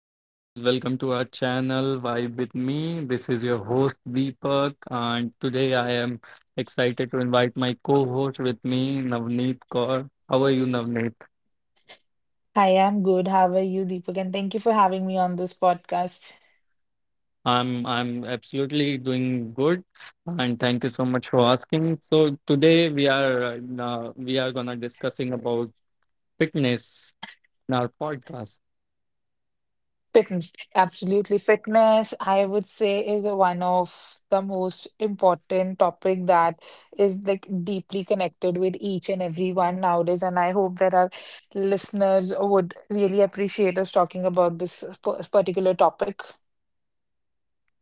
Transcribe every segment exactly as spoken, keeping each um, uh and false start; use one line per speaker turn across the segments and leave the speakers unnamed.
Hello guys, welcome to our channel Vibe with me. This is your host Deepak, and today I am excited to invite my co-host with me Navneet Kaur. How are you, Navneet?
Hi, I'm good. How are you, Deepak? And thank you for having me on this podcast.
I'm I'm absolutely doing good, and thank you so much for asking. So today we are uh, we are going to discussing about fitness in our podcast.
Fitness, absolutely. Fitness, I would say, is a one of the most important topic that is like deeply connected with each and everyone nowadays. And I hope that our listeners would really appreciate us talking about this p- particular topic.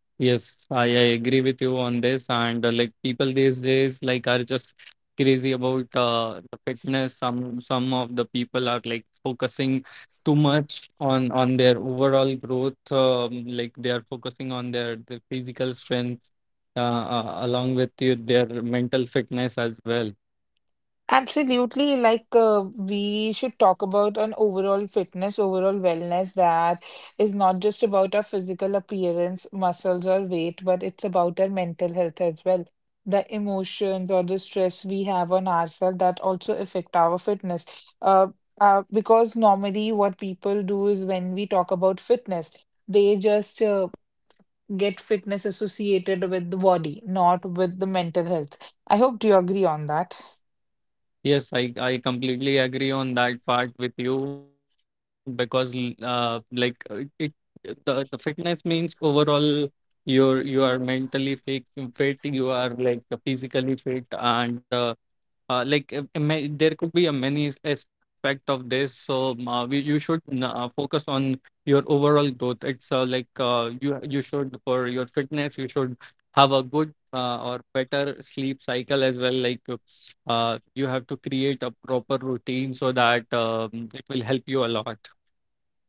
Yes, I, I agree with you on this. And uh, like people these days, like, are just crazy about uh, the fitness. Some some of the people are like focusing too much on on their overall growth. Um, like they are focusing on their, their physical strength, uh, uh, along with you, their mental fitness as well.
Absolutely, like uh, we should talk about an overall fitness, overall wellness that is not just about our physical appearance, muscles, or weight, but it's about our mental health as well. The emotions or the stress we have on ourselves that also affect our fitness. Uh, uh, because normally, what people do is when we talk about fitness, they just uh, get fitness associated with the body, not with the mental health. I hope you agree on that.
Yes, I, I completely agree on that part with you, because l- uh, like uh, it, it the, the fitness means overall you're you are mentally fit, fit you are, like, uh, physically fit, and uh, uh, like uh, uh, ma- there could be a many aspect of this. So um, uh, we, you should n- uh, focus on your overall growth. It's uh, like, uh, you you should, for your fitness, you should have a good uh, or better sleep cycle as well, like uh, you have to create a proper routine so that um, it will help you a lot.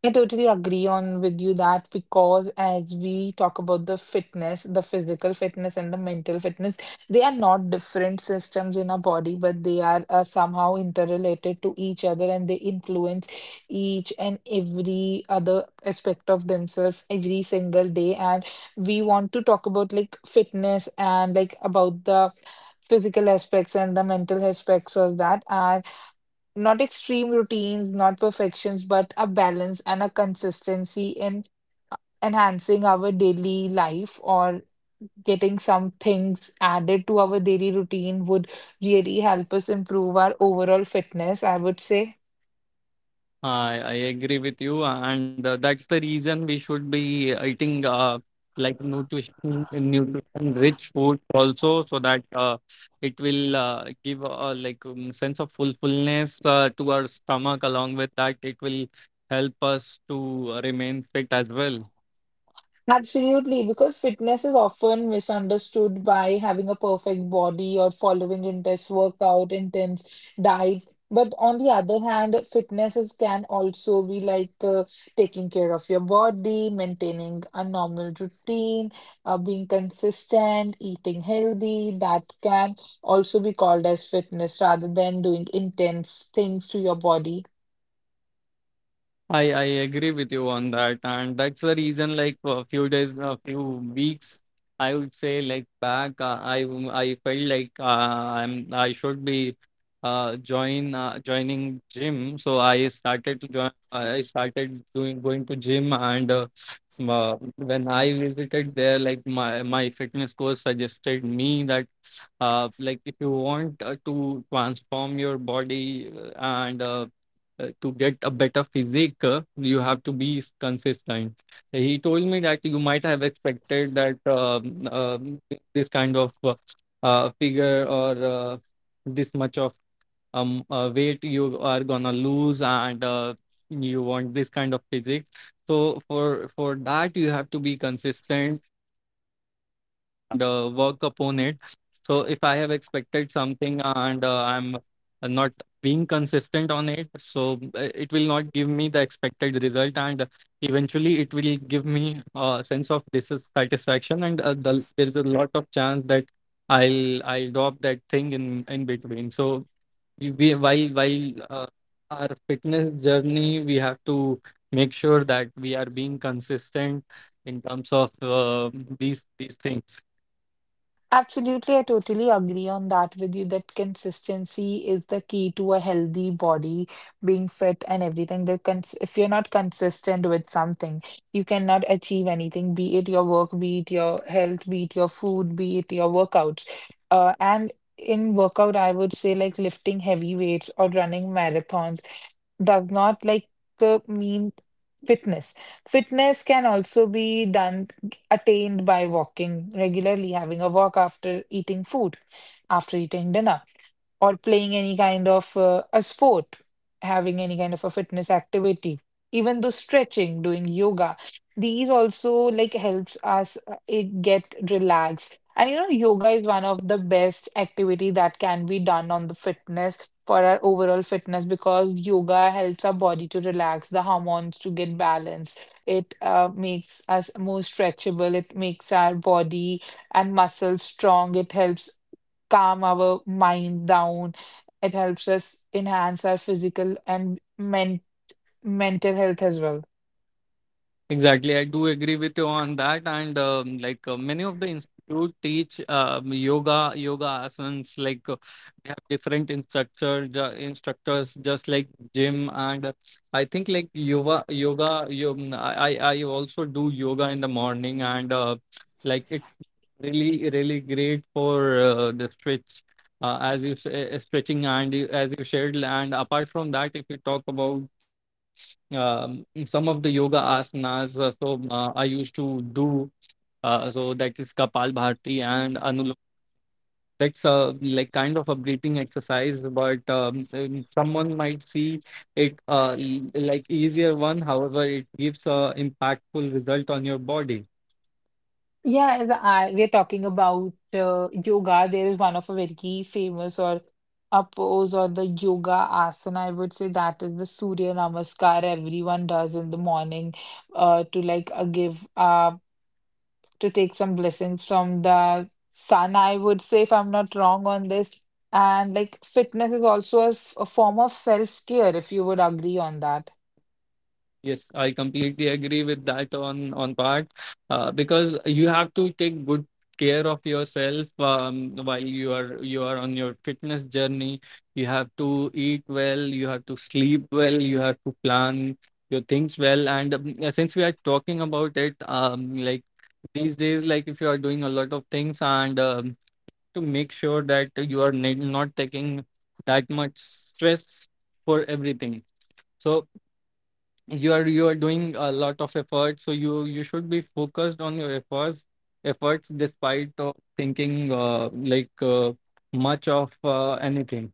I totally agree on with you that because as we talk about the fitness, the physical fitness and the mental fitness, they are not different systems in our body, but they are uh, somehow interrelated to each other and they influence each and every other aspect of themselves every single day. And we want to talk about like fitness and like about the physical aspects and the mental aspects of that. And not extreme routines, not perfections, but a balance and a consistency in enhancing our daily life or getting some things added to our daily routine would really help us improve our overall fitness, I would say.
I, I agree with you, and uh, that's the reason we should be eating uh, like nutrition, nutrition-rich food also, so that uh, it will uh, give a like um, sense of fulfillment uh, to our stomach. Along with that, it will help us to remain fit as well.
Absolutely, because fitness is often misunderstood by having a perfect body or following intense workout, intense diets. But on the other hand, fitness is, can also be like uh, taking care of your body, maintaining a normal routine, uh, being consistent, eating healthy. That can also be called as fitness rather than doing intense things to your body.
I I agree with you on that, and that's the reason. Like a few days, a few weeks, I would say, like, back, uh, I w- I felt like uh, I'm I should be uh join uh, joining gym. So I started to join. I started doing going to gym, and uh, m- uh, when I visited there, like, my my fitness coach suggested me that uh, like if you want uh, to transform your body uh, and uh, uh, to get a better physique, uh, you have to be s- consistent. He told me that you might have expected that, um, um, th- this kind of uh, uh, figure or uh, this much of um, uh, weight you are gonna lose, and uh, you want this kind of physique. So for for that you have to be consistent and uh, work upon it. So if I have expected something and uh, I'm not being consistent on it, so uh, it will not give me the expected result, and eventually it will give me uh, a sense of dissatisfaction, and uh, the, there is a lot of chance that I'll I'll drop that thing in in between. So we we- while while uh, our fitness journey, we have to make sure that we are being consistent in terms of uh, these these things.
Absolutely, I totally agree on that with you that consistency is the key to a healthy body, being fit and everything. That cons if you're not consistent with something, you cannot achieve anything, be it your work, be it your health, be it your food, be it your workouts. Uh, and in workout, I would say like lifting heavy weights or running marathons does not like uh, mean fitness. Fitness can also be done attained by walking regularly, having a walk after eating food, after eating dinner, or playing any kind of uh, a sport, having any kind of a fitness activity. Even though stretching, doing yoga, these also like helps us uh, it get relaxed. And you know, yoga is one of the best activity that can be done on the fitness for our overall fitness because yoga helps our body to relax, the hormones to get balanced. It uh, makes us more stretchable. It makes our body and muscles strong. It helps calm our mind down. It helps us enhance our physical and men mental health as well.
Exactly, I do agree with you on that, and um, like uh, many of the institute teach um, yoga, yoga asanas. Like uh, we have different instructors, ju- instructors just like gym, and uh, I think like yoga, yoga. yo- I I I also do yoga in the morning, and uh, like it's really really great for uh, the stretch, uh, as you say, uh, stretching, and you- as you shared. And apart from that, if you talk about um, some of the yoga asanas. Uh, so uh, I used to do uh, so that is Kapalbhati and Anulom. That's a like kind of a breathing exercise, but um, um, someone might see it, uh, e- like, easier one. However, it gives a impactful result on your body.
Yeah, as I, we are talking about uh, yoga. There is one of a very famous or a pose or the yoga asana. I would say that is the Surya Namaskar everyone does in the morning, uh, to like uh, give uh to take some blessings from the sun. I would say if I'm not wrong on this, and like fitness is also a, f- a form of self-care if you would agree on that.
Yes, I completely agree with that on on part, uh, because you have to take good care of yourself, um, while you are you are on your fitness journey. You have to eat well, you have to sleep well, you have to plan your things well. And um, yeah, since we are talking about it, um, like these days, like if you are doing a lot of things, and um, to make sure that you are ne- not taking that much stress for everything. So you are you are doing a lot of effort, so you you should be focused on your efforts efforts despite of thinking, uh, like, uh, much of uh, anything.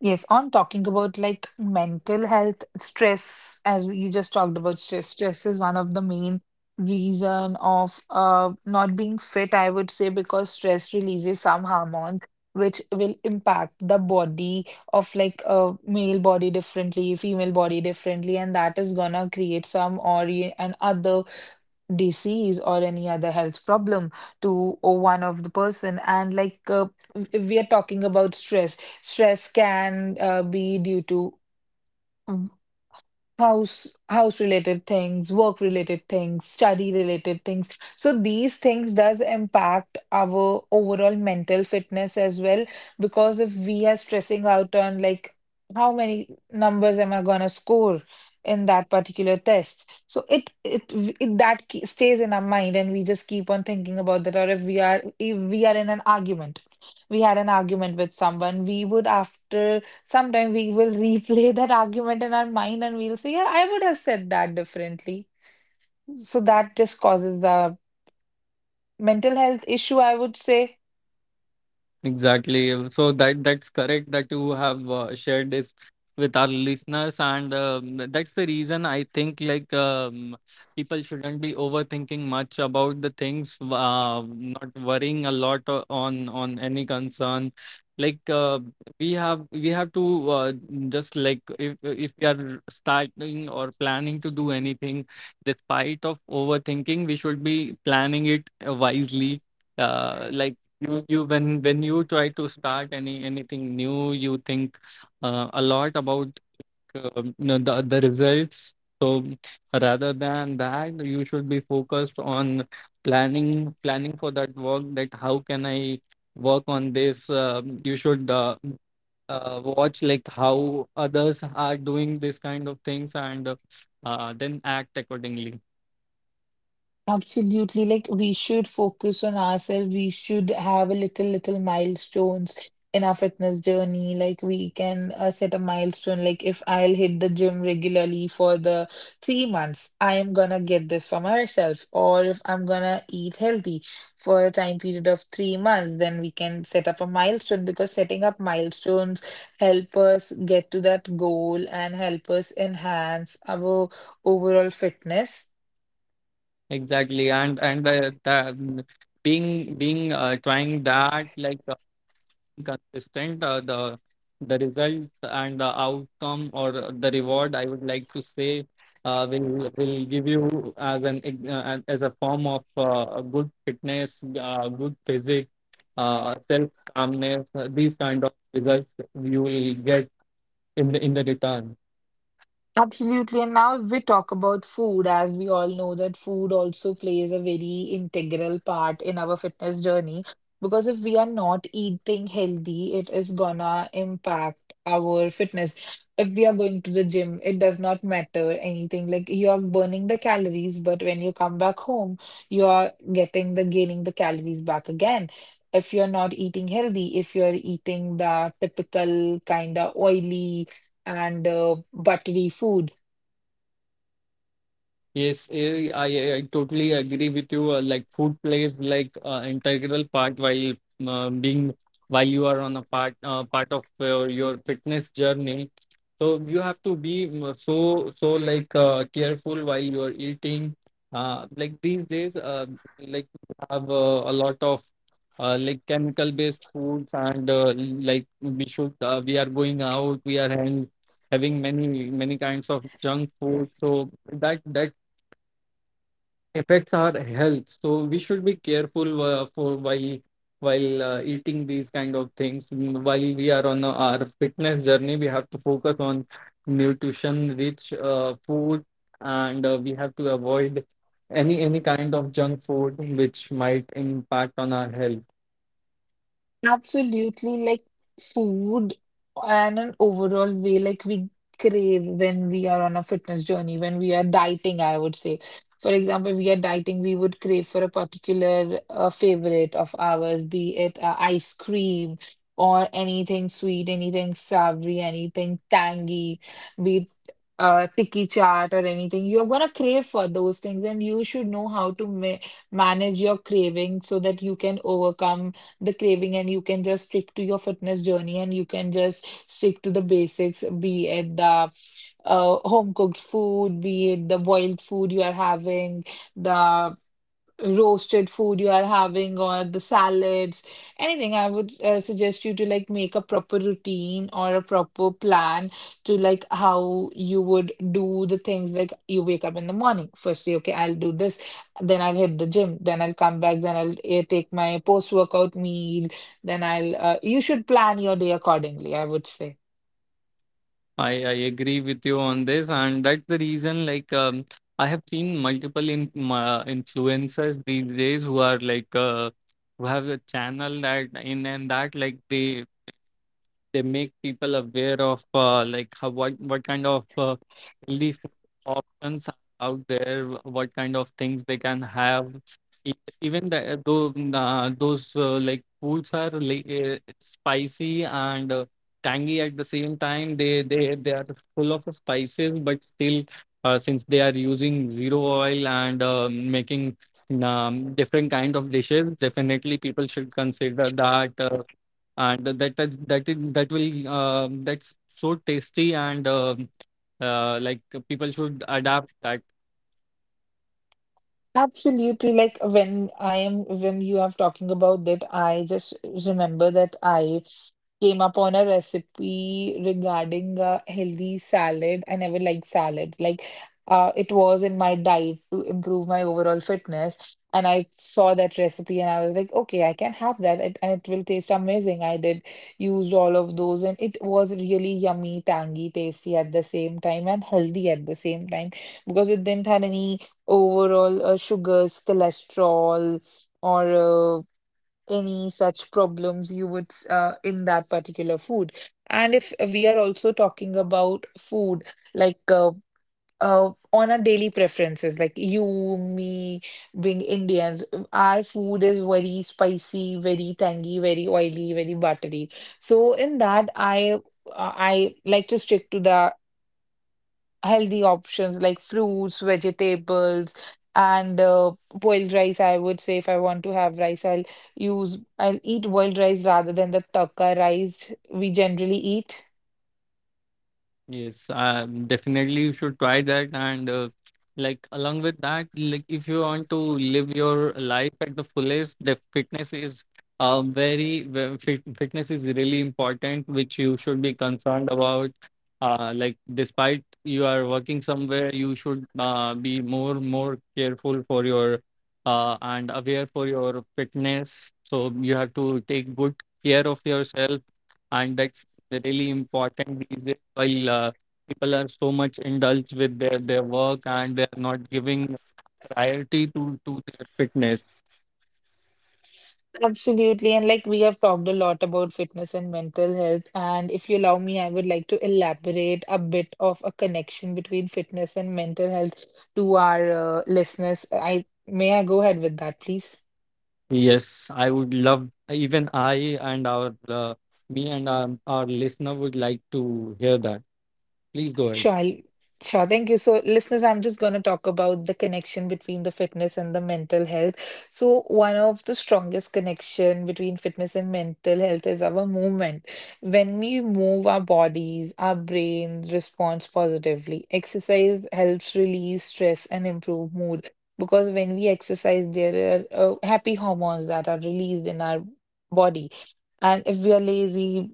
Yes, on talking about like mental health stress, as you just talked about stress, stress is one of the main reason of uh not being fit, I would say, because stress releases some hormones which will impact the body of like a male body differently, female body differently, and that is gonna create some or and other disease or any other health problem to o- one of the person. And like uh, w- we are talking about stress stress can uh, be due to house house related things, work related things, study related things. So these things does impact our overall mental fitness as well, because if we are stressing out on like how many numbers am I going to score in that particular test. So it it, v- it that ke- stays in our mind and we just keep on thinking about that. Or if we are if we are in an argument, we had an argument with someone, we would after. Sometimes we will replay that argument in our mind and we'll say, yeah, I would have said that differently. So that just causes a mental health issue, I would say.
Exactly. So that that's correct that you have uh, shared this with our listeners, and um, that's the reason I think, like, um, people shouldn't be overthinking much about the things, uh, not worrying a lot o- on on any concern. Like uh, we have we have to, uh, just like, if if we are starting or planning to do anything, despite of overthinking, we should be planning it uh, wisely. Uh, like you you when when you try to start any anything new, you think uh, a lot about, um, you know, the the results. So rather than that, you should be focused on planning planning for that work, that how can I work on this. Um, you should uh, uh, watch like how others are doing this kind of things, and uh, uh, then act accordingly.
Absolutely. Like we should focus on ourselves. We should have a little, little milestones in our fitness journey. Like we can uh, set a milestone. Like if I'll hit the gym regularly for the three months, I am gonna get this for myself. Or if I'm gonna eat healthy for a time period of three months, then we can set up a milestone because setting up milestones help us get to that goal and help us enhance our overall fitness.
Exactly, and and uh, the, being being uh, trying that, like, consistent, uh, the the result and the outcome or the reward, I would like to say, uh, will will give you as an ex- uh, an- as a form of uh, a good fitness, uh, good physique, uh, self calmness, uh, these kind of results you will get in the in the return.
Absolutely. And now, if we talk about food, as we all know that food also plays a very integral part in our fitness journey, because if we are not eating healthy, it is gonna impact our fitness. If we are going to the gym, it does not matter anything. Like you are burning the calories, but when you come back home, you are getting the gaining the calories back again. If you're not eating healthy, if you're eating the typical kind of oily and uh, buttery food.
Yes, eh, I, I totally agree with you. Uh, like food plays, like, uh, integral part while, um being while you are on a, part uh, part of your, your fitness journey. So you have to be, mm, so so like uh, careful while you are eating. Uh, like these days, uh, like we have uh, a lot of uh, like chemical based foods, and uh, like we should uh, we are going out, we are having having many many kinds of junk food. So that that affects our health, so we should be careful, uh, for while while uh, eating these kind of things. Mm, while we are on uh, our fitness journey, we have to focus on nutrition rich uh, food, and uh, we have to avoid any any kind of junk food which might impact on our health.
Absolutely, like food and an overall way, like we crave when we are on a fitness journey, when we are dieting, I would say. For example, we are dieting, we would crave for a particular uh, favorite of ours, be it uh, ice cream or anything sweet, anything savory, anything tangy, be it uh, tikki chaat or anything. You're gonna crave for those things, and you should know how to ma manage your craving so that you can overcome the craving and you can just stick to your fitness journey and you can just stick to the basics, be it the uh, home cooked food, be it the boiled food you are having, the roasted food you are having or the salads, anything. I would uh, suggest you to like make a proper routine or a proper plan to like how you would do the things. Like you wake up in the morning. Firstly, okay, I'll do this, then I'll hit the gym, then I'll come back, then I'll uh, take my post-workout meal, then I'll uh, you should plan your day accordingly, I would say.
I, I agree with you on this, and that's the reason. Like, um, I have seen multiple in, uh, influencers these days who are like, uh, who have a channel that in and that like they they make people aware of, uh, like, how, what what kind of uh, healthy food options are out there, wh- what kind of things they can have. E- Even the, though uh, those uh, like foods are like, uh, spicy and uh, tangy at the same time, they they they are full of spices, but still, uh, since they are using zero oil and uh, making um, different kind of dishes, definitely people should consider that. Uh, and that that that is- that will uh, that's so tasty, and um uh, like people should adapt that.
Absolutely. Like when I am, when you are talking about that, I just remember that I came upon a recipe regarding a healthy salad. I never liked salad. Like, uh, it was in my diet to improve my overall fitness. And I saw that recipe and I was like, okay, I can have that it, and it will taste amazing. I did used all of those and it was really yummy, tangy, tasty at the same time and healthy at the same time because it didn't have any overall uh, sugars, cholesterol, or uh, any such problems you would uh, in that particular food. And if we are also talking about food, like uh, uh, on our daily preferences, like you, me, being Indians, our food is very spicy, very tangy, very oily, very buttery. So in that, I uh, I like to stick to that healthy options like fruits, vegetables, and uh, boiled rice. I would say if I want to have rice, I'll use I'll eat boiled rice rather than the taka rice we generally eat.
Yes, um, definitely you should try that. And uh, like along with that, like if you want to live your life at the fullest, the fitness is uh, very ve- fit, fitness is really important, which you should be concerned about. Uh, like despite you are working somewhere, you should uh, be more more careful for your, uh, and aware for your fitness. So you have to take good care of yourself, and that's really important these days while uh, people are so much indulged with their, their work, and they're not giving priority to, to their fitness.
Absolutely. And like we have talked a lot about fitness and mental health. And if you allow me, I would like to elaborate a bit of a connection between fitness and mental health to our uh, listeners. I may I go ahead with that, please?
Yes, I would love, even I and our, uh, me and our, our listener would like to hear that. Please go ahead.
Sure. Sure. Thank you. So, listeners, I'm just going to talk about the connection between the fitness and the mental health. So, one of the strongest connection between fitness and mental health is our movement. When we move our bodies, our brain responds positively. Exercise helps release stress and improve mood because when we exercise, there are uh, happy hormones that are released in our body. And if we are lazy,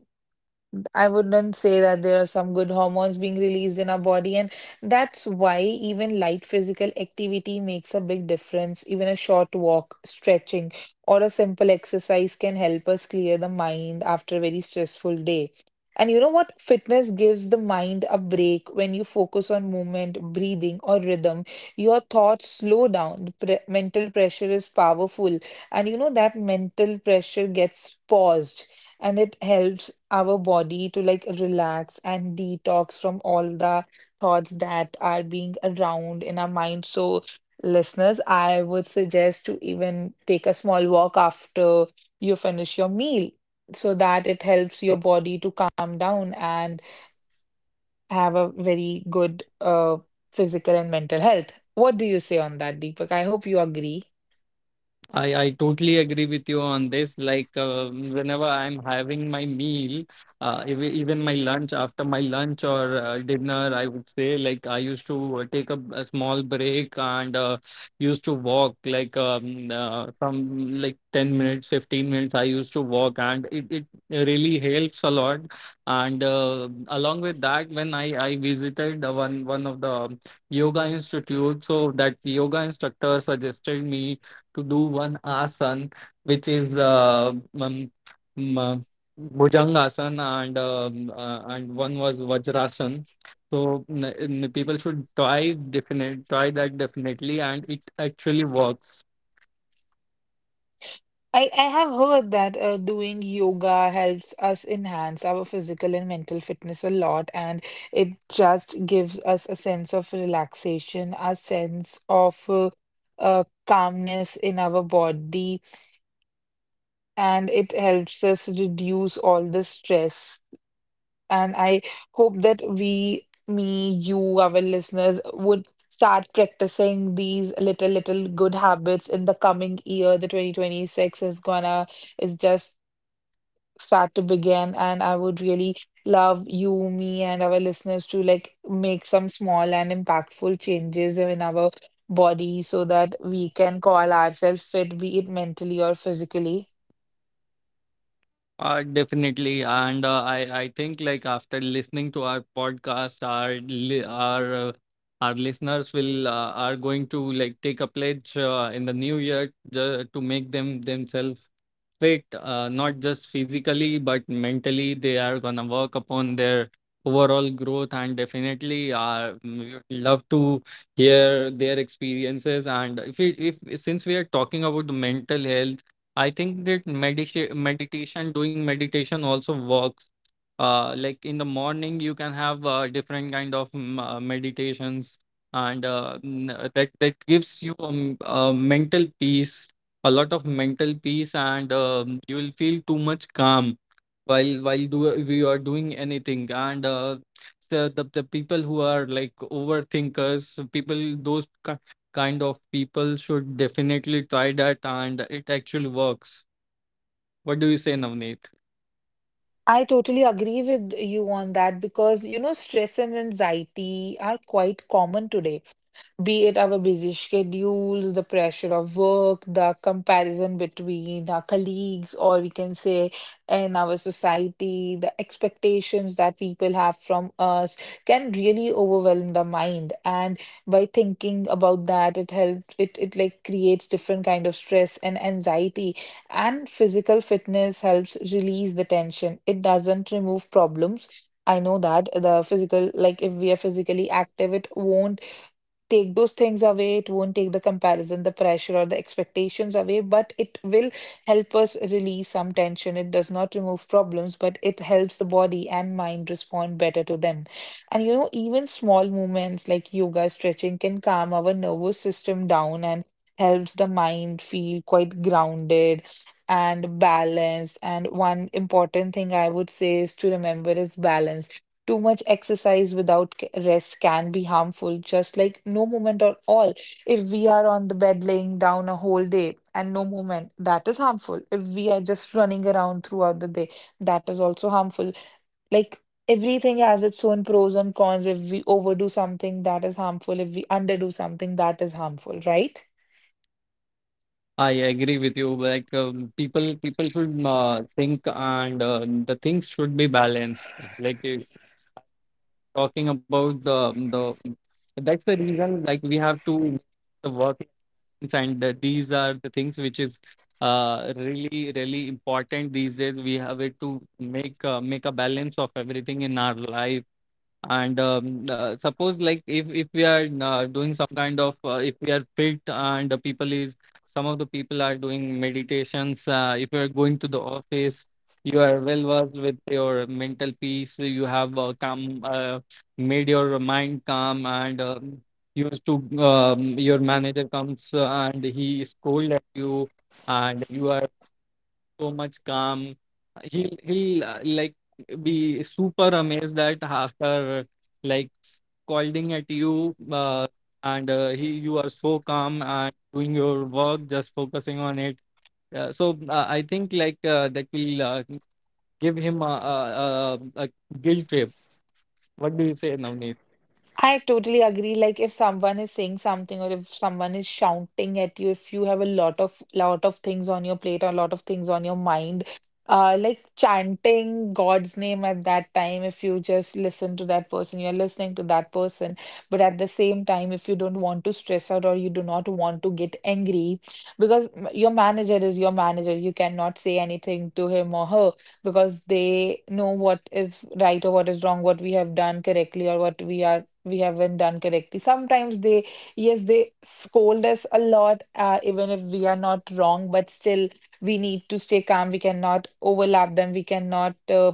I wouldn't say that there are some good hormones being released in our body, and that's why even light physical activity makes a big difference. Even a short walk, stretching, or a simple exercise can help us clear the mind after a very stressful day. And you know what? Fitness gives the mind a break when you focus on movement, breathing, or rhythm. Your thoughts slow down. The pre- mental pressure is powerful, and you know that mental pressure gets paused and it helps our body to like relax and detox from all the thoughts that are being around in our mind. So, listeners, I would suggest to even take a small walk after you finish your meal so that it helps your body to calm down and have a very good uh, physical and mental health. What do you say on that, Deepak? I hope you agree.
I, I totally agree with you on this. Like, um whenever I'm having my meal, uh, ev even my lunch, after my lunch or uh, dinner, I would say, like, I used to uh, take a, a small break, and uh, used to walk, like, um, uh, from like ten minutes, fifteen minutes, I used to walk, and it, it really helps a lot. And uh, along with that, when I, I visited uh, one, one of the um, yoga institute, so that yoga instructor suggested me to do one asana, which is uh, um, um, uh, Bhujangasana, and um, uh, and one was Vajrasana. So n- n- people should try definite try that definitely, and it actually works.
I, I have heard that uh, doing yoga helps us enhance our physical and mental fitness a lot, and it just gives us a sense of relaxation, a sense of uh, uh, calmness in our body, and it helps us reduce all the stress. And I hope that we, me, you, our listeners, would start practicing these little, little good habits in the coming year. The twenty twenty-six is gonna is just start to begin, and I would really love you, me, and our listeners to like make some small and impactful changes in our body so that we can call ourselves fit, be it mentally or physically.
Uh, definitely, and uh, I I think, like, after listening to our podcast, our li our uh, our listeners will uh, are going to, like, take a pledge uh, in the new year ju- to make them themselves fit, uh, not just physically but mentally. They are gonna work upon their overall growth, and definitely, uh, we would love to hear their experiences. And if we if since we are talking about the mental health, I think that meditation, meditation, doing meditation also works. Uh, like in the morning, you can have uh, different kind of mm, uh, meditations, and uh, n- uh, that that gives you um, uh, mental peace, a lot of mental peace, and um, you will feel too much calm while while do we are doing anything. And uh, so the the people who are like overthinkers, people, those kind of people should definitely try that, and it actually works. What do you say, Navneet?
I totally agree with you on that because you know stress and anxiety are quite common today, be it our busy schedules, the pressure of work, the comparison between our colleagues, or we can say in our society, the expectations that people have from us can really overwhelm the mind. And by thinking about that, it helps it it like creates different kind of stress and anxiety. And physical fitness helps release the tension. It doesn't remove problems. I know that the physical, like if we are physically active, it won't take those things away. It won't take the comparison, the pressure, or the expectations away, but it will help us release some tension. It does not remove problems, but it helps the body and mind respond better to them. And you know, even small movements like yoga, stretching can calm our nervous system down and helps the mind feel quite grounded and balanced. And one important thing I would say is to remember is balance. Too much exercise without c- rest can be harmful, just like no movement at all. If we are on the bed laying down a whole day and no movement, that is harmful. If we are just running around throughout the day, that is also harmful. Like everything has its own pros and cons. If we overdo something, that is harmful. If we underdo something, that is harmful, right?
I agree with you. Like um, people people should uh, think, and uh, the things should be balanced. Like uh, talking about the the That's the reason, like, we have to make the work balance. And uh, these are the things which is uh really really important these days. We have it to make uh, make a balance of everything in our life. And um, uh, suppose, like, if if we are uh, doing some kind of uh, if we are fit and the people is some of the people are doing meditations. Uh, if you are going to the office, you are well versed with your mental peace, you have uh, calm uh, made your mind calm, and um, used to um, your manager comes, uh, and he scold at you, and you are so much calm. He'll he'll uh, like be super amazed that after like scolding at you, uh, and uh, he you are so calm and doing your work, just focusing on it. Uh, so uh, I think, like, uh, that will uh, give him a, a, a, a guilt trip. What do you say now?
I totally agree. Like if someone is saying something or if someone is shouting at you, if you have a lot of lot of things on your plate, or a lot of things on your mind, uh, like chanting God's name at that time, if you just listen to that person, you're listening to that person. But at the same time, if you don't want to stress out or you do not want to get angry, because m- your manager is your manager, you cannot say anything to him or her because they know what is right or what is wrong, what we have done correctly or what we are we haven't done correctly. Sometimes they, yes, they scold us a lot, uh, even if we are not wrong, but still we need to stay calm. We cannot overlap them. We cannot uh,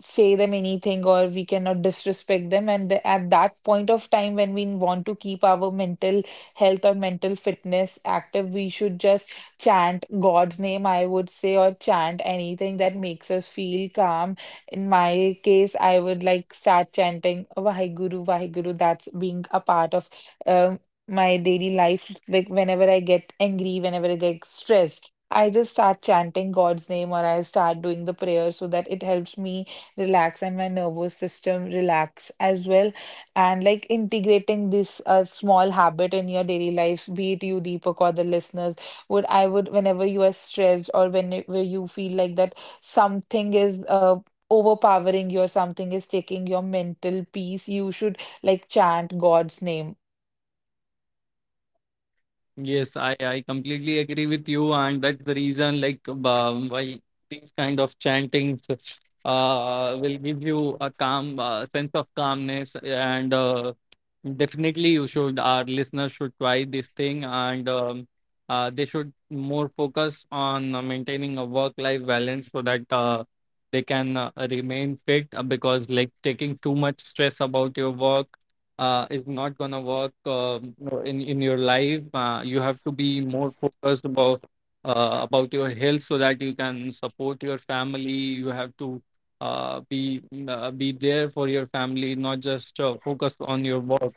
say them anything or we cannot disrespect them. And the, at that point of time, when we want to keep our mental health or mental fitness active, we should just chant God's name, I would say, or chant anything that makes us feel calm. In my case, I would like start chanting Vaheguru, Vaheguru. That's being a part of um, my daily life. Like whenever I get angry, whenever I get stressed. I just start chanting God's name or I start doing the prayer so that it helps me relax and my nervous system relax as well. And like integrating this uh, small habit in your daily life, be it you, Deepak, or the listeners, would I would whenever you are stressed or whenever you feel like that something is uh, overpowering you or something is taking your mental peace, you should like chant God's name.
Yes, I, I completely agree with you, and that's the reason, like, um, why these kind of chantings uh, will give you a calm uh, sense of calmness. And uh, definitely, you should, our listeners should try this thing. And um, uh, they should more focus on uh, maintaining a work-life balance so that uh, they can uh, remain fit. uh, Because, like, taking too much stress about your work uh, is not gonna work um, in in your life. Uh, you have to be more focused about uh, about your health so that you can support your family. You have to uh, be uh, be there for your family, not just uh, focus on your work.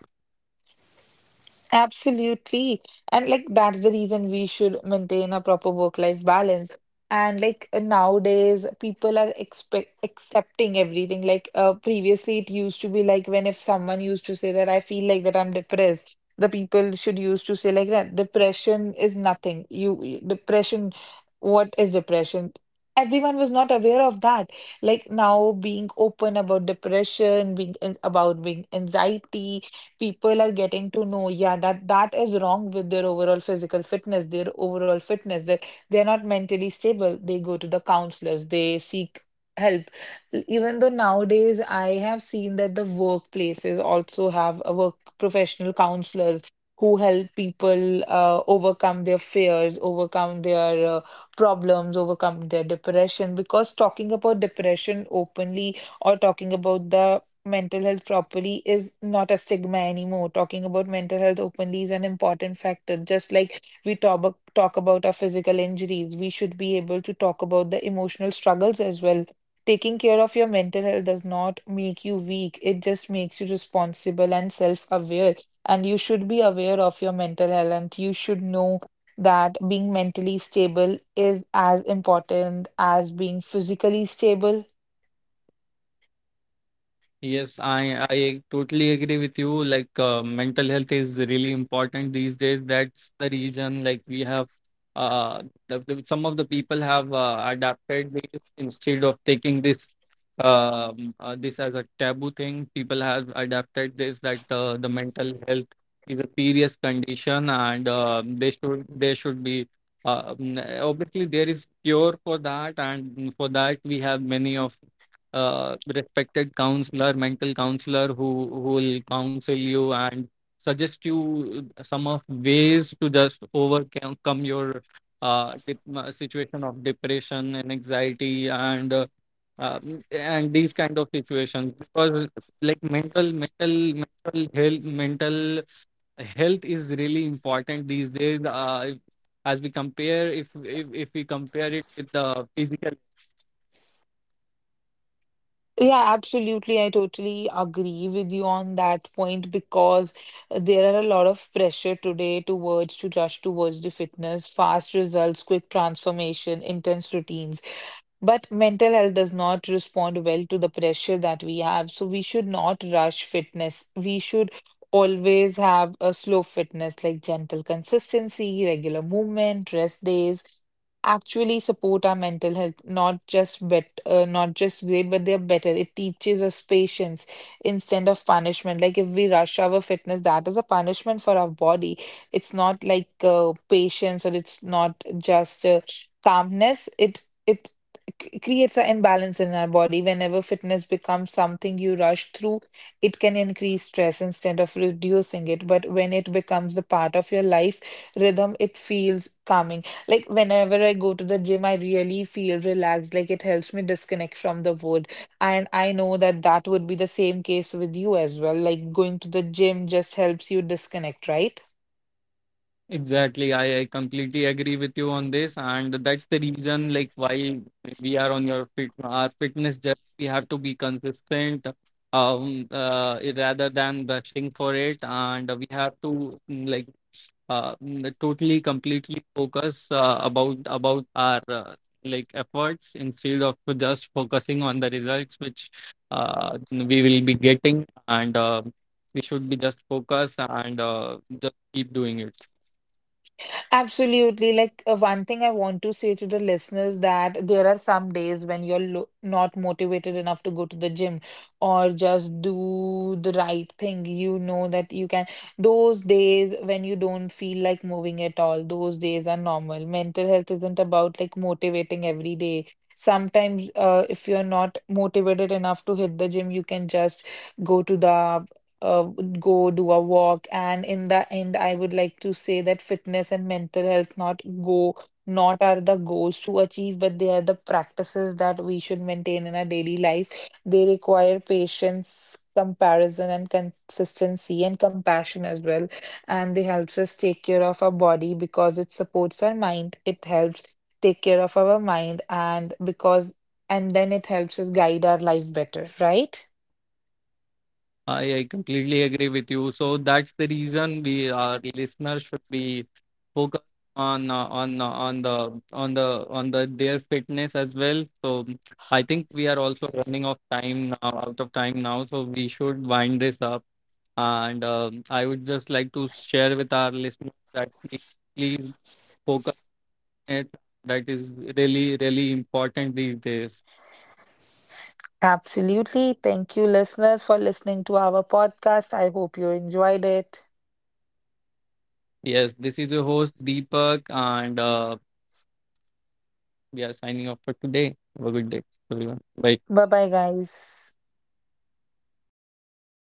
Absolutely. And like that's the reason we should maintain a proper work-life balance. And like uh, nowadays people are expect accepting everything. Like uh, previously it used to be like when if someone used to say that I feel like that I'm depressed, the people should used to say like that depression is nothing. You you- depression, what is depression? Everyone was not aware of that. Like now being open about depression, being in, about being anxiety, people are getting to know, yeah, that that is wrong with their overall physical fitness, their overall fitness, that they're not mentally stable. They go to the counselors, they seek help. E- Even though nowadays I have seen that the workplaces also have a work professional counselors who help people uh, overcome their fears, overcome their uh, problems, overcome their depression. Because talking about depression openly or talking about the mental health properly is not a stigma anymore. Talking about mental health openly is an important factor. Just like we talk, abo- talk about our physical injuries, we should be able to talk about the emotional struggles as well. Taking care of your mental health does not make you weak, it just makes you responsible and self aware. And you should be aware of your mental health, and you should know that being mentally stable is as important as being physically stable.
Yes, I I totally agree with you. Like uh, mental health is really important these days. That's the reason, like, we have uh the, the, some of the people have uh, adapted this instead of taking this um uh, this as a taboo thing. People have adapted this that uh, the mental health is a serious condition, and uh, they should they should be uh, n- obviously there is cure for that, and for that we have many of uh, respected counselor, mental counselor, who who will counsel you and suggest you some of ways to just overcome your uh, dip, uh, situation of depression and anxiety, and uh, uh, and these kind of situations, because like mental mental mental health mental health is really important these days. Uh, if- as we compare, if, if if we compare it with the physical.
Yeah, absolutely. I totally agree with you on that point because there are a lot of pressure today towards to rush towards the fitness, fast results, quick transformation, intense routines. But mental health does not respond well to the pressure that we have. So we should not rush fitness. We should always have a slow fitness like gentle consistency, regular movement, rest days actually support our mental health, not just bet uh, not just great, but they're better. It teaches us patience instead of punishment. Like if we rush our fitness, that is a punishment for our body. It's not like uh, patience, or it's not just uh, calmness. It it c- creates an imbalance in our body. Whenever fitness becomes something you rush through, it can increase stress instead of reducing it. But when it becomes the part of your life rhythm, it feels calming. Like whenever I go to the gym, I really feel relaxed. Like it helps me disconnect from the world. And I know that that would be the same case with you as well. Like going to the gym just helps you disconnect, right?
Exactly. I, I completely agree with you on this. And that's the reason, like, while we are on your fit, our fitness journey, we have to be consistent, um, uh, rather than rushing for it. And we have to, mm, like, uh, mm, totally, completely focus uh, about about our uh, like efforts, instead of just focusing on the results which uh, we will be getting. And uh, we should be just focus and uh, just keep doing it.
Absolutely. Like uh, one thing I want to say to the listeners that there are some days when you're lo not motivated enough to go to the gym or just do the right thing. You know that you can. Those days when you don't feel like moving at all, those days are normal. Mental health isn't about like motivating every day. Sometimes, uh, if you're not motivated enough to hit the gym, you can just go to the uh, go do a walk. And in the end, I would like to say that fitness and mental health not go not are the goals to achieve, but they are the practices that we should maintain in our daily life. They require patience, comparison, and consistency and compassion as well. And they helps us take care of our body because it supports our mind. It helps take care of our mind and because and then it helps us guide our life better, right?
I, I completely agree with you. So that's the reason we, our listeners, should be focused on uh, on uh, on the on the on the their fitness as well. So I think we are also running off time now, out of time now. So we should wind this up. And um, I would just like to share with our listeners that please, please focus on it. That is really really important these days.
Absolutely. Thank you, listeners, for listening to our podcast. I hope you enjoyed it.
Yes, this is your host Deepak and. Uh, We are signing off for today. Have a good day, everyone. Bye.
Bye bye, guys.